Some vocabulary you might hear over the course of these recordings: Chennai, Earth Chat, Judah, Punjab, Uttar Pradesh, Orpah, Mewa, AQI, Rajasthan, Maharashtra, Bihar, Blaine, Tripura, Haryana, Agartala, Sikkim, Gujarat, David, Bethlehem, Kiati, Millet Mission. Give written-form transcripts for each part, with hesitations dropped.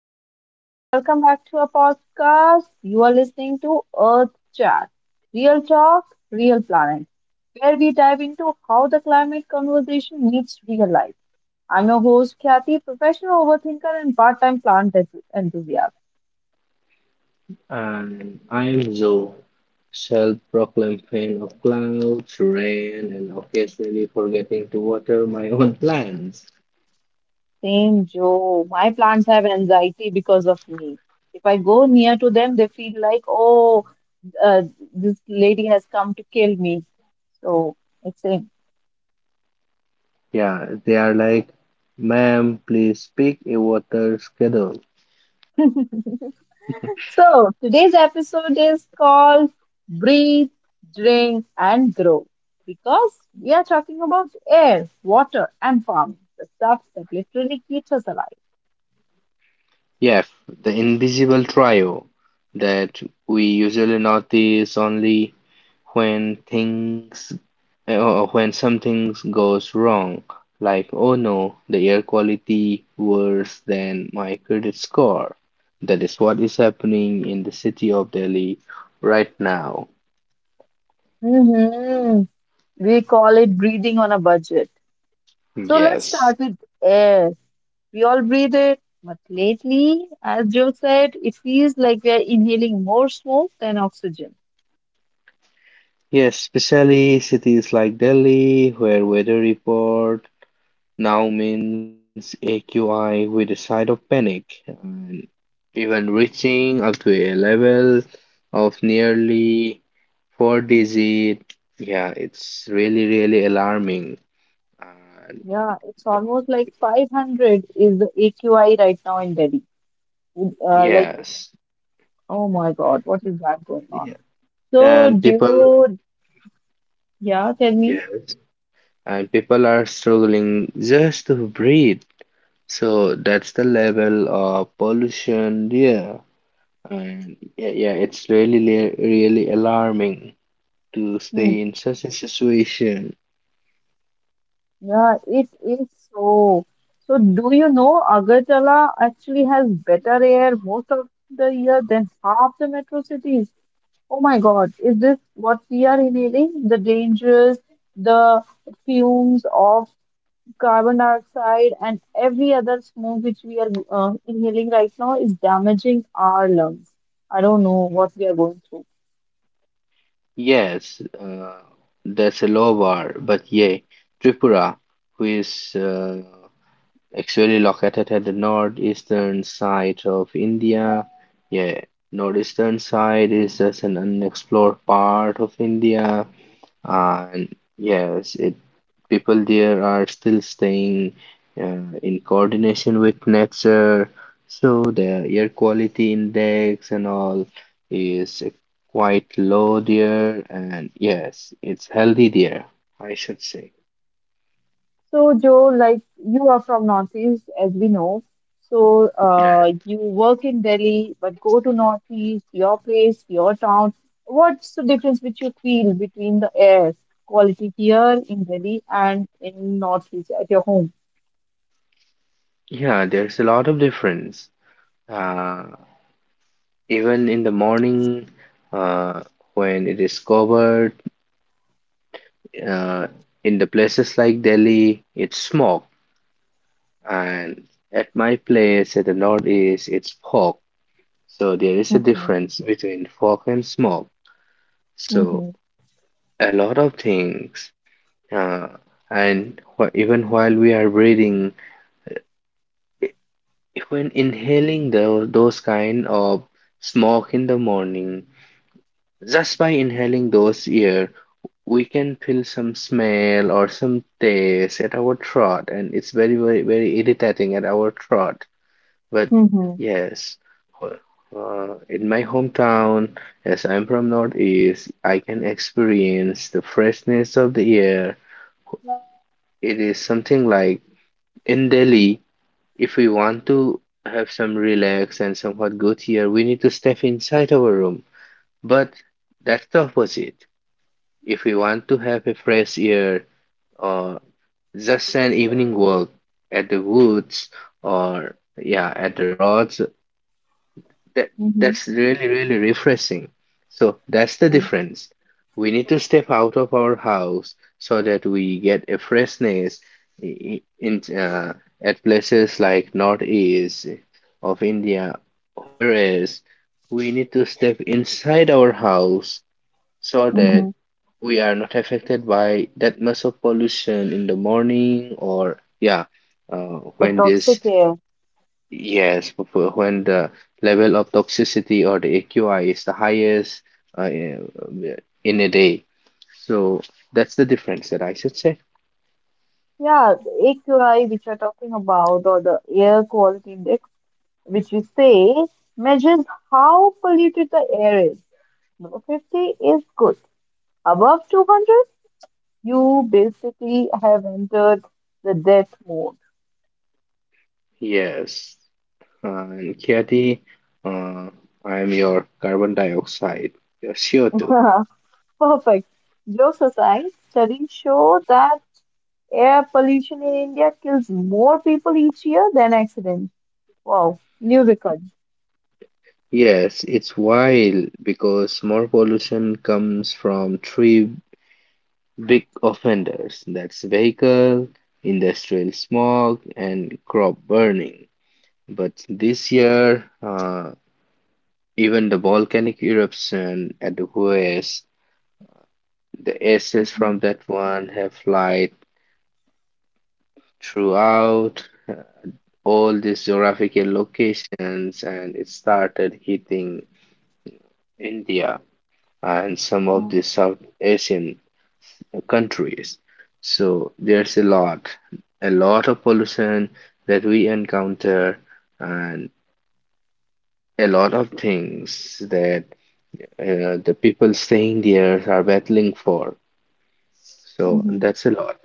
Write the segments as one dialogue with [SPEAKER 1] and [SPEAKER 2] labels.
[SPEAKER 1] Hey everyone, welcome back to our podcast. You are listening to Earth Chat, real talk, real planet, where we dive into how the climate conversation meets real life. I'm your host, Kathy, professional overthinker and part time plant enthusiast.
[SPEAKER 2] And I'm Joe, self proclaimed fan of clouds, rain, and occasionally forgetting to water my own plants.
[SPEAKER 1] Same Joe, my plants have anxiety because of me. If I go near to them, they feel like, oh, uh, this lady has come to kill me. So it's a
[SPEAKER 2] Yeah, they are like, ma'am, please pick a water schedule.
[SPEAKER 1] So, today's episode is called Breathe, Drink, and Grow because we are talking about air, water, and farming, the stuff that literally keeps us alive.
[SPEAKER 2] Yeah, f- the invisible trio that we usually notice only when things or when something goes wrong, like oh no, the air quality worse than my credit score. That is what is happening in the city of Delhi right now.
[SPEAKER 1] hmm We call it breathing on a budget. So, let's
[SPEAKER 2] Yes.
[SPEAKER 1] start with air. We all breathe it, but lately, as Joe said, it feels like we are inhaling more smoke than oxygen.
[SPEAKER 2] Yes, especially cities like Delhi, where weather report now means AQI with a side of panic, and even reaching up to a level of nearly four digit. Yeah, it's really, really alarming. And
[SPEAKER 1] Yeah, it's almost like 500 is the AQI right now in Delhi. Uh, like
[SPEAKER 2] yes,
[SPEAKER 1] Oh my God, what is that going
[SPEAKER 2] yeah.
[SPEAKER 1] on? So,
[SPEAKER 2] And
[SPEAKER 1] do
[SPEAKER 2] people,
[SPEAKER 1] you, yeah, tell me.
[SPEAKER 2] yes, and people are struggling just to breathe. So that's the level of pollution. Yeah, and yeah, yeah, it's really, really really alarming to
[SPEAKER 1] Hmm.
[SPEAKER 2] stay in such a situation.
[SPEAKER 1] Yeah, it is so. So, do you know Agartala actually has better air most of the year than half the metro cities? Oh my God, is this what we are inhaling? The fumes of carbon dioxide, and every other smoke which we are inhaling right now is damaging our lungs. I don't know what we are going through.
[SPEAKER 2] Yes, that's a low bar, but yeah, Tripura, who is actually located at the northeastern side of India. Yeah, northeastern side is just an unexplored part of India. And yes, it people there are still staying in coordination with nature, so the air quality index and all is quite low there, and yes, it's healthy there, I should say.
[SPEAKER 1] So, Joe, like you are from Northeast, as we know. So, you work in Delhi, but go to Northeast, your place, your town. What's the difference which you feel between the air quality here in Delhi and in Northeast at your home?
[SPEAKER 2] Yeah, there's a lot of difference. Uh, Even in the morning, uh, when it is covered, uh, in the places like Delhi, it's smog. And at my place at the Northeast, it's fog. So there is a
[SPEAKER 1] Mm-hmm.
[SPEAKER 2] difference between fog and smoke. So
[SPEAKER 1] Mm-hmm.
[SPEAKER 2] a lot of things. Uh, and wh even while we are breathing, i- when inhaling those kind of smoke in the morning, just by inhaling those air, we can feel some smell or some taste at our throat, and it's very, very, very irritating at our throat. But
[SPEAKER 1] Mm-hmm.
[SPEAKER 2] yes, in my hometown, as I'm from Northeast, I can experience the freshness of the air. It is something like in Delhi, if we want to have some relax and somewhat good air, we need to step inside our room. But that's the opposite. If we want to have a fresh air or just an evening walk at the woods or yeah, at the roads. That
[SPEAKER 1] Mm-hmm.
[SPEAKER 2] that's really, really refreshing. So that's the difference. We need to step out of our house so that we get a freshness i- in at places like northeast of India, whereas we need to step inside our house so that
[SPEAKER 1] Mm-hmm.
[SPEAKER 2] we are not affected by that much of pollution in the morning or yeah,
[SPEAKER 1] The
[SPEAKER 2] when this.
[SPEAKER 1] toxic air.
[SPEAKER 2] Yes, for when the level of toxicity or the AQI is the highest in a day. So that's the difference that I should say.
[SPEAKER 1] Yeah, the AQI, which you're talking about, or the air quality index, which we say measures how polluted the air is. Below 50 is good. Above 200, you basically have entered the death mode.
[SPEAKER 2] Yes. And Kiati, uh, I am your carbon dioxide, your CO2.
[SPEAKER 1] Perfect. Jokes aside, studies show that air pollution in India kills more people each year than accidents. Wow, new record.
[SPEAKER 2] Yes, it's wild because more pollution comes from three big offenders. That's vehicle, industrial smog, and crop burning. But this year, even the volcanic eruption at the US, the ashes
[SPEAKER 1] Mhm.
[SPEAKER 2] from that one have light throughout all these geographical locations, and it started hitting India and some of
[SPEAKER 1] Yeah.
[SPEAKER 2] the South Asian countries. So there's a lot of pollution that we encounter, and a lot of things that the people staying there are battling for. So
[SPEAKER 1] Mhm.
[SPEAKER 2] that's a lot.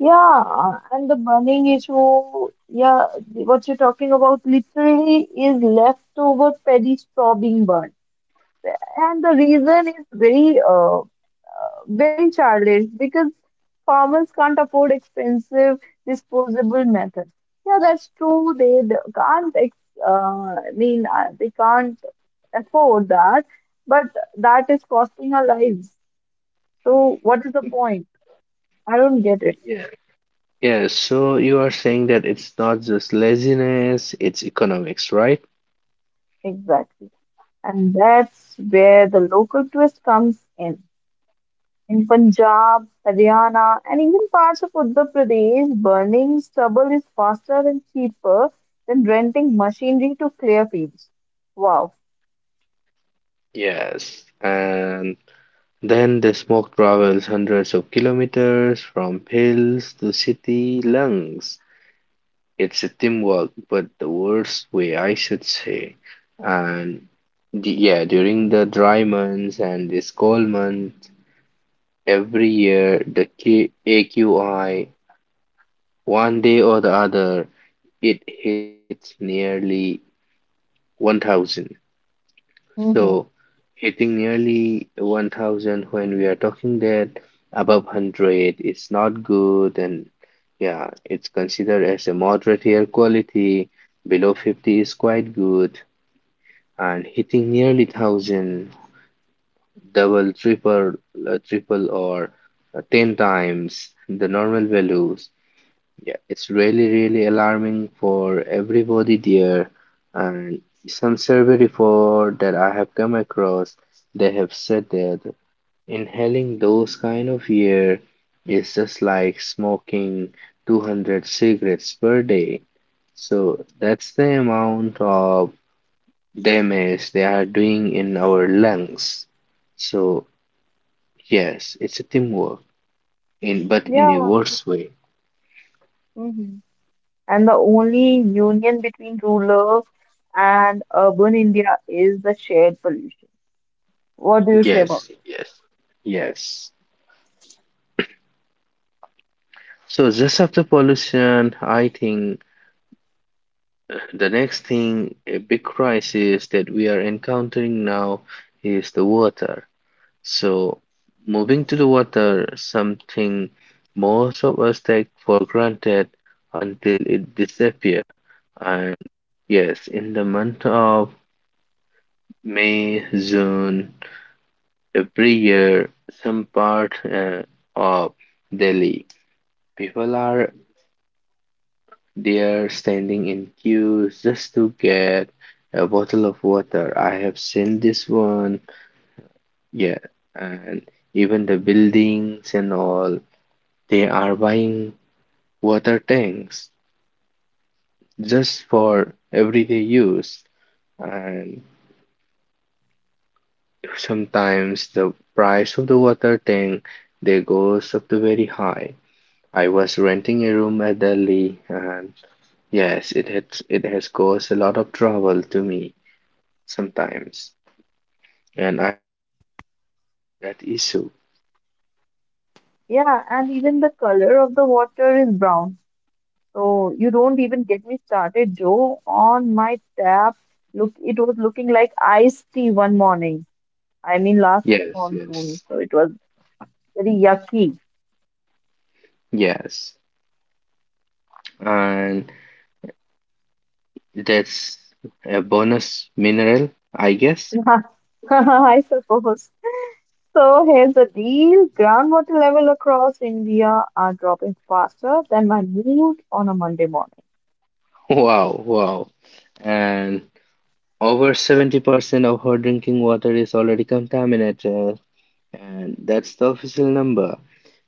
[SPEAKER 1] Yeah, and the burning issue, yeah, what you're talking about literally is leftover petty straw being burned. And the reason is very, very childish because farmers can't afford expensive disposable methods. Yeah, that's true. They d- can't, ex I mean, they can't afford that, but that is costing our lives. So what is the point? I don't get it
[SPEAKER 2] Yeah, yeah. So you are saying that it's not just laziness, it's economics, right?
[SPEAKER 1] exactly. And that's where the local twist comes in. In Punjab, Haryana, and even parts of Uttar Pradesh, burning stubble is faster and cheaper than renting machinery to clear fields. Wow.
[SPEAKER 2] Yes. And then the smoke travels hundreds of kilometers from hills to city lungs. It's a teamwork, but the worst way, I should say. And yeah, during the dry months and this cold month, every year, the AQI, one day or the other, it hits nearly 1,000. So,
[SPEAKER 1] Hmm.
[SPEAKER 2] hitting nearly 1,000 when we are talking that above 100 is not good, and yeah, it's considered as a moderate air quality. Below 50 is quite good, and hitting nearly 1,000, double, triple, or 10 times the normal value. Yeah, it's really, really alarming for everybody there. And some survey report that I have come across, they have said that inhaling those kind of air is just like smoking 200 cigarettes per day. So that's the amount of damage they are doing in our lungs. So yes, it's a teamwork in but in a
[SPEAKER 1] Yeah.
[SPEAKER 2] worse way.
[SPEAKER 1] Hmm. And the only union between rural and urban India is the shared pollution. What do you say about
[SPEAKER 2] Yes, yes, yes. So just after pollution, I think the next thing, a big crisis that we are encountering now is the water. So moving to the water, something most of us take for granted until it disappears. And yes, in the month of May, June, every year, some part of Delhi, people are they're standing in queues just to get a bottle of water. I have seen this one. Yeah, and even the buildings and all, they are buying water tanks just
[SPEAKER 1] it? Mm.
[SPEAKER 2] for everyday use. And sometimes the price of the water tank they goes up to very high. I was renting a room at Delhi, and yes, it has caused a lot of trouble to me sometimes.
[SPEAKER 1] Yeah, and even the color of the water is brown. So you don't even get me started, Joe. On my tap, look, it was looking like iced tea one morning. I mean, last
[SPEAKER 2] Yes,
[SPEAKER 1] monsoon,
[SPEAKER 2] yes,
[SPEAKER 1] so it was very yucky.
[SPEAKER 2] yes. And that's a bonus mineral, I guess.
[SPEAKER 1] I suppose. So here's the deal: groundwater level across India are dropping faster than my mood on a Monday
[SPEAKER 2] Wow, wow. And over 70% of our drinking water is already contaminated, and that's the official number.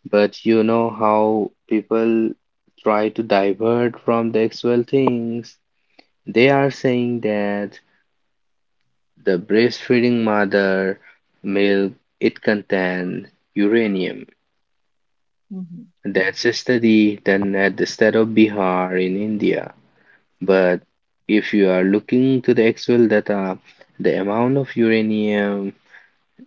[SPEAKER 2] But you know how people try to divert from the actual things. They are saying that the breastfeeding mother milk it contains uranium.
[SPEAKER 1] morning.
[SPEAKER 2] That's a study done at the state of Bihar in India. But if you are looking to the actual data, the amount of uranium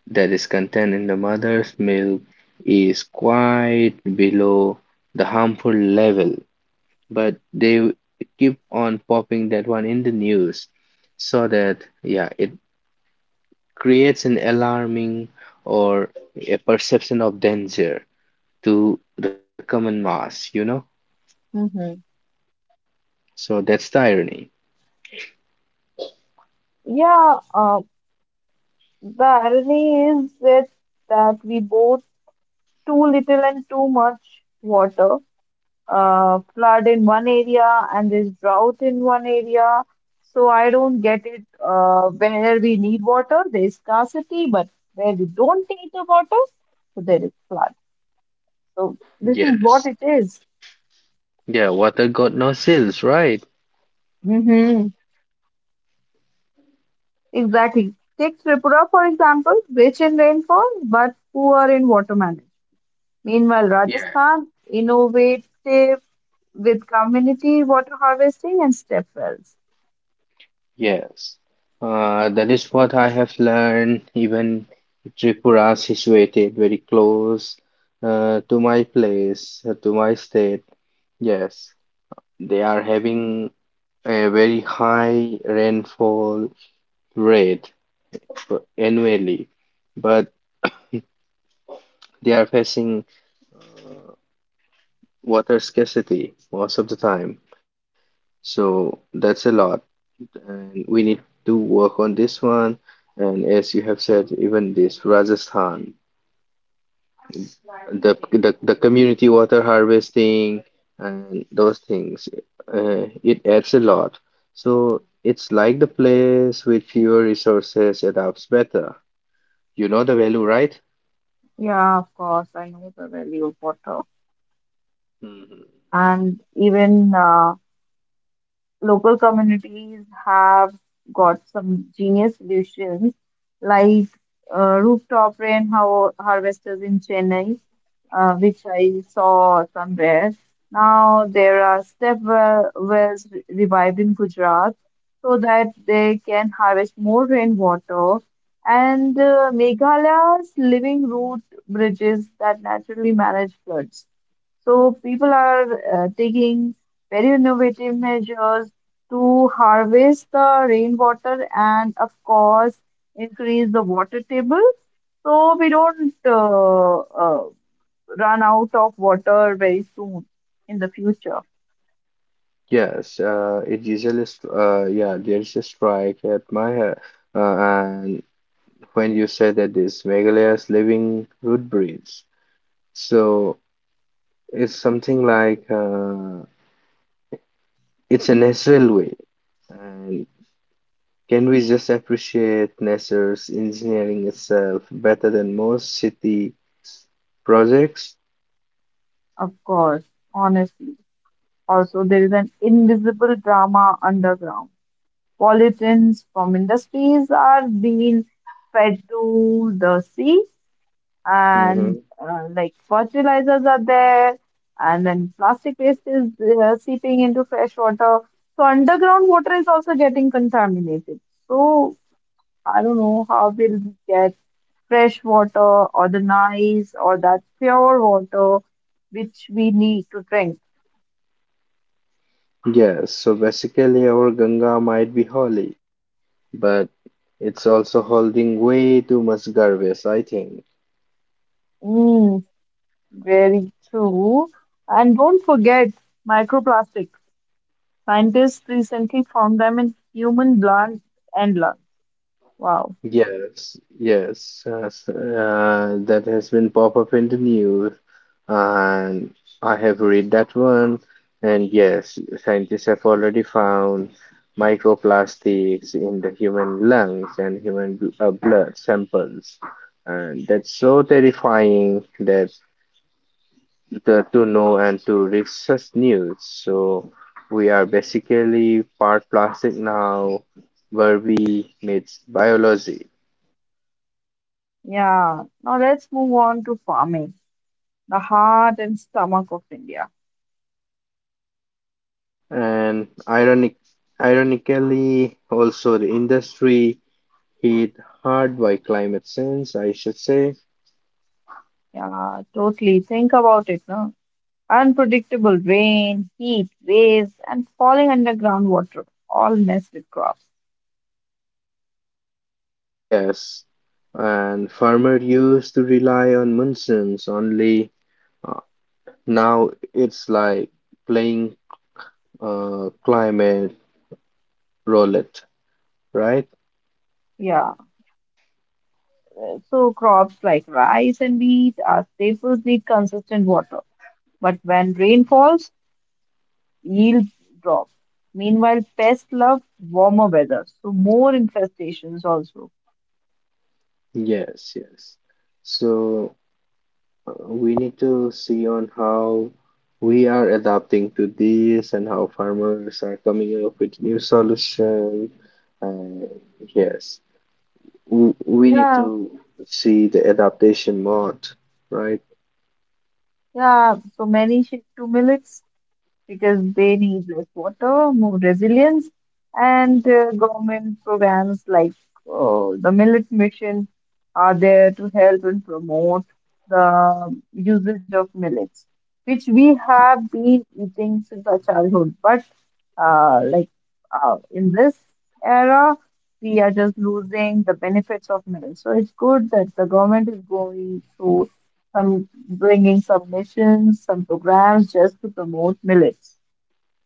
[SPEAKER 2] that is contained in the mother's milk is quite below the harmful level. But they keep on popping that one in the news so that, yeah, it creates an alarming or a perception of danger to the common mass, you know?
[SPEAKER 1] Hmm. Hmm.
[SPEAKER 2] So that's the irony.
[SPEAKER 1] Yeah, the irony is that we both too little and too much water flood in one area and there's drought in one area. So I don't get it. Where we need water, there is scarcity, but where we don't need the water, so there is flood. So this is what
[SPEAKER 2] Yes.
[SPEAKER 1] it is.
[SPEAKER 2] Yeah, water got no seals, right?
[SPEAKER 1] Mm-hmm. Exactly. Take Tripura, for example, rich in rainfall, but poor in water management. Meanwhile,
[SPEAKER 2] Yeah.
[SPEAKER 1] Rajasthan innovative with community water harvesting and step wells.
[SPEAKER 2] Yes. That is what I have learned. Even Tripura situated very close to my place, to my state. Yes. They are having a very high rainfall rate annually, but they are facing uh, water scarcity most of the time. So that's a lot. And we need to work on this one. And as you have said, even this Rajasthan, the community water harvesting and those things, it adds a lot. So it's like the place with fewer resources adapts better. You know the value, right?
[SPEAKER 1] Yeah, of course, I know the value of water.
[SPEAKER 2] Mhm.
[SPEAKER 1] And even local communities have got some genius solutions like rooftop rain harvesters in Chennai, which I saw somewhere. Now there are step wells revived in Gujarat so that they can harvest more rainwater. And Meghalaya's living root bridges that naturally manage floods. So people are taking very innovative measures to harvest the rainwater and, of course, increase the water table so we don't uh, run out of water very soon in the future,
[SPEAKER 2] Yes, it usually, yeah, there's a strike at my, and when you said that this Meghalaya's living root breeds. So it's something like it's a natural way. And can we just appreciate NASA's engineering itself better than most city projects?
[SPEAKER 1] of course, honestly. Also, there is an invisible drama underground. Pollutants from industries are being fed to the sea and
[SPEAKER 2] Mm-hmm.
[SPEAKER 1] like fertilizers are there, and then plastic waste is seeping into fresh water. So underground water is also getting contaminated. So I don't know how we'll get fresh water or the nice or that pure water which we need to drink.
[SPEAKER 2] Yes, so basically our Ganga might be holy, but it's also holding way too much garbage, I think.
[SPEAKER 1] Mm, very true. And don't forget microplastics. Scientists recently found them in human blood and lungs. Wow.
[SPEAKER 2] Yes, yes, yes, that has been pop up in the news, and I have read that one. And yes, scientists have already found microplastics in the human lungs and human blood samples, and that's so terrifying that the, to know and to read such news. So we are basically part plastic now, where we meets biology.
[SPEAKER 1] Yeah, now let's move on to farming, the heart and stomach of India.
[SPEAKER 2] And ironically, also the industry hit hard by climate change, I should say.
[SPEAKER 1] Yeah, totally. Think about it, no? Unpredictable rain, heat, waves, and falling underground water all mess with crops.
[SPEAKER 2] Yes, and farmer used to rely on monsoons only. Uh, Now it's like playing climate roulette, right?
[SPEAKER 1] Yeah, so crops like rice and wheat are staples need consistent water. But when rain falls, yields drop. Meanwhile, pests love warmer weather, so more infestations also.
[SPEAKER 2] Yes, yes. So we need to see on how we are adapting to this and how farmers are coming up with new solution. And yes, we need
[SPEAKER 1] Yeah,
[SPEAKER 2] to see the adaptation mode, right?
[SPEAKER 1] yeah, so many shift to millets because they need less water, more resilience, and government programs like the Millet Mission are there to help and promote the usage of millets, which we have been eating since our childhood. But uh, like in this era, we are just losing the benefits of millets. So it's good that the government is going through some bringing submissions, some programs just to promote millets.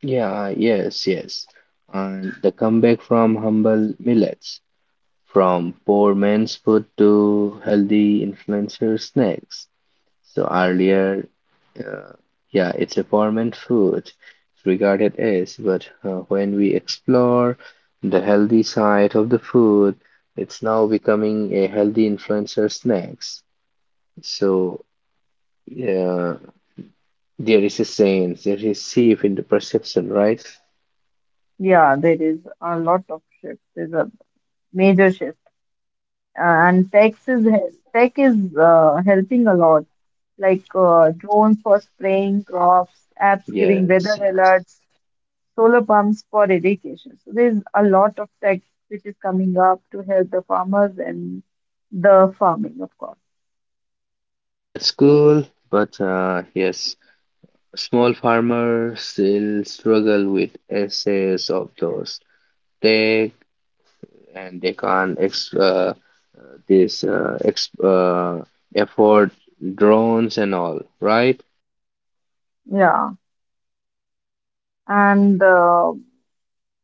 [SPEAKER 2] Yeah, yes, yes. And the comeback from humble millets, from poor man's food to healthy influencer snacks. So earlier, uh, yeah, it's a permanent food regarded as, but when we explore the healthy side of the food, it's now becoming a healthy influencer snacks. So yeah, there is a sense, there is shift in the perception, right?
[SPEAKER 1] Yeah, there is a lot of shift. There's a major shift. And tech is helping a lot, like drones for spraying crops, apps giving weather
[SPEAKER 2] Yes, yes,
[SPEAKER 1] alerts, solar pumps for irrigation. So there's a lot of tech which is coming up to help the farmers and the farming, of course.
[SPEAKER 2] that's cool, but yes, small farmers still struggle with excess of those tech, and they can't ex this ex afford drones and all, right?
[SPEAKER 1] Yeah, and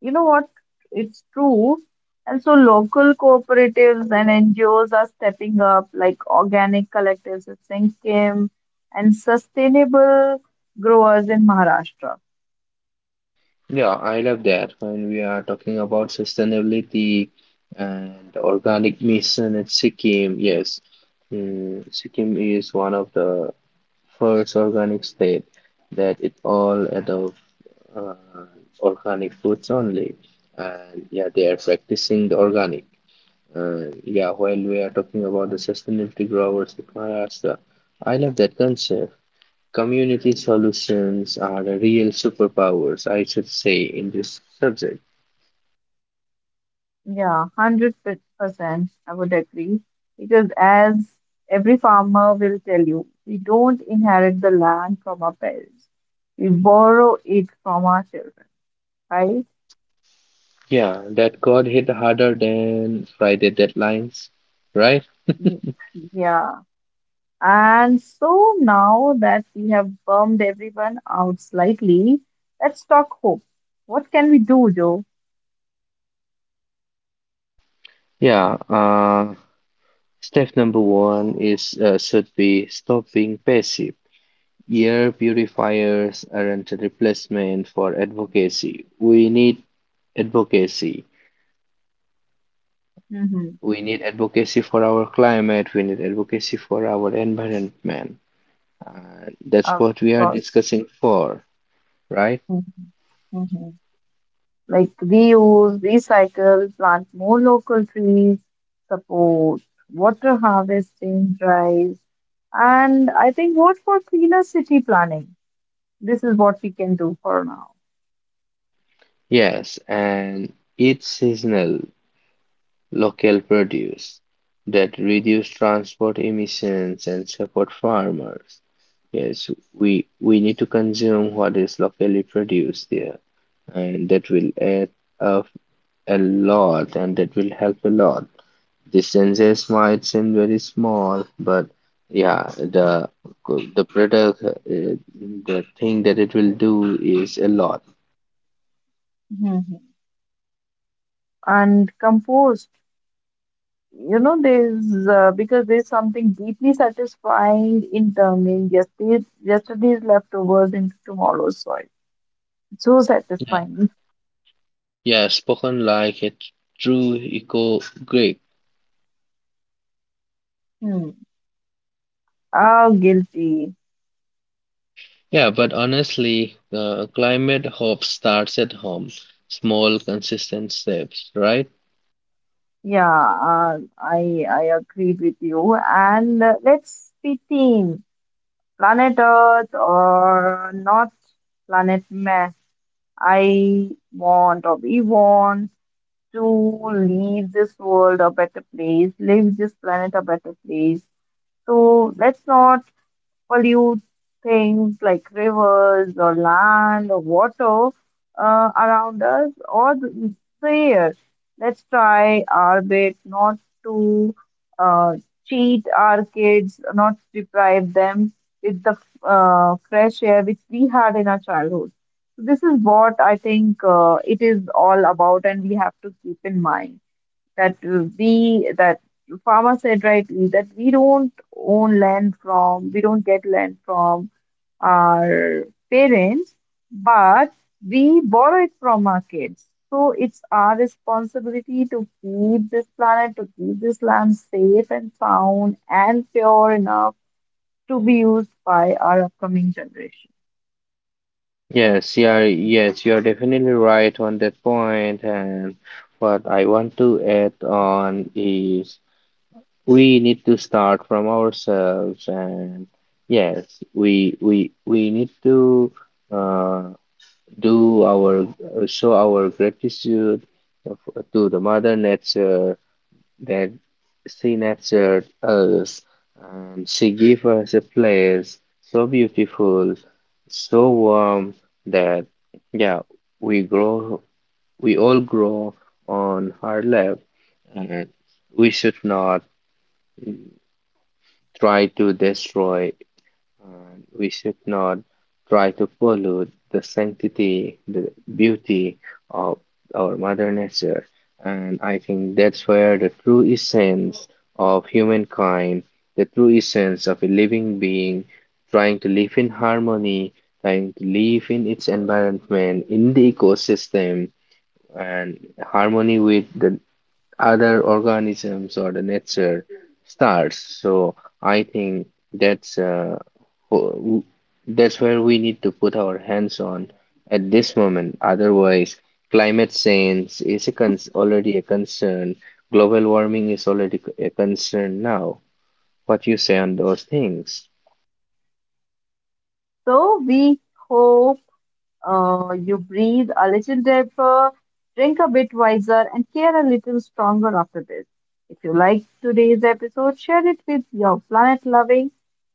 [SPEAKER 1] you know what? It's true. And so local cooperatives and NGOs are stepping up, like organic collectives in Sikkim and sustainable growers in Maharashtra.
[SPEAKER 2] Yeah, I love that. When we are talking about sustainability and the organic mission at Sikkim, yes, Sikkim is one of the first organic state that it all out of uh, organic foods only, and yeah, they are practicing the organic. Yeah, while we are talking about the sustainability growers of Maharashtra, I love that concept. Community solutions are the real superpowers, I should say, in this subject.
[SPEAKER 1] Yeah, 100%. I would agree. Because as every farmer will tell you, we don't inherit the land from our parents, we borrow it from our children, right?
[SPEAKER 2] Yeah, that got hit harder than Friday deadlines, right?
[SPEAKER 1] Y- Yeah. And so now that we have bummed everyone out slightly, let's talk hope. What can we do, Joe?
[SPEAKER 2] Yeah, step number one is should be stop being passive. Air purifiers aren't a replacement for advocacy. We need advocacy.
[SPEAKER 1] Mm-hmm.
[SPEAKER 2] We need advocacy for our climate, we need advocacy for our environment. Uh, that's
[SPEAKER 1] Of
[SPEAKER 2] what we are
[SPEAKER 1] course.
[SPEAKER 2] discussing for, right?
[SPEAKER 1] Mm-hmm. Like reuse, recycle, plant more local trees, support water harvesting drives, and I think vote for cleaner city planning. This is what we can do for now.
[SPEAKER 2] Yes, and each seasonal, local produce that reduce transport emissions and support farmers. Yes, we need to consume what is locally produced there, and that will add up a lot, and that will help a lot. Distances might seem very small, but yeah, the product, the thing that it will do is a lot.
[SPEAKER 1] Mm-hmm. And compost. You know, there's because there's something deeply satisfying in turning yesterday's leftovers into tomorrow's soil. So satisfying.
[SPEAKER 2] Yeah, spoken like a true eco Greek.
[SPEAKER 1] Hmm. Oh, guilty.
[SPEAKER 2] Yeah, but honestly, climate hope starts at home. Small, consistent steps, right?
[SPEAKER 1] Yeah, I agree with you. And let's be team planet Earth or not planet mess. I want or we want to leave this world a better place, leave this planet a better place. So let's not pollute things like rivers or land or water around us or the air. Let's try our bit not to uh, cheat our kids, not deprive them with the fresh air which we had in our childhood. So this is what I think it is all about, and we have to keep in mind that we that farmer said rightly that we don't get land from our parents but we borrow it from our kids, so it's our responsibility to keep this planet, to keep this land safe and sound and pure enough to be used by our upcoming generation.
[SPEAKER 2] Yes, yeah, yes, you're definitely right on that point, and what I want to add on is we need to start from ourselves, and yes, we need to uh, do our show our gratitude of- to the mother nature that she nurtured us, and she gave us a place so beautiful, so warm that yeah, we grow we all grow on her lap, and we should not try to destroy. We should not try to pollute the sanctity, the beauty of our mother nature. And I think that's where the true essence of humankind, the true essence of a living being, trying to live in harmony, trying to live in its environment, in the ecosystem, and harmony with the other organisms or the nature starts. So I think that's wh- that's where we need to put our hands on at this moment. Otherwise, climate change is a cons already a concern. Global warming is already a concern now. What you say on those things?
[SPEAKER 1] So we hope you breathe a little deeper, drink a bit wiser, and care a little stronger after this. If you like today's episode, share it with your planet loving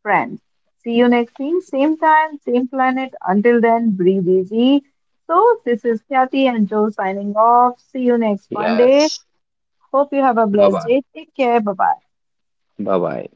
[SPEAKER 1] friends. See you next week, same time, same planet. Until then, breathe easy. So, this is Kathy and Joe signing off. See you next Monday.
[SPEAKER 2] Yes.
[SPEAKER 1] Hope you have a
[SPEAKER 2] Bye
[SPEAKER 1] blessed
[SPEAKER 2] bye.
[SPEAKER 1] day. Take care. Bye bye.
[SPEAKER 2] Bye bye.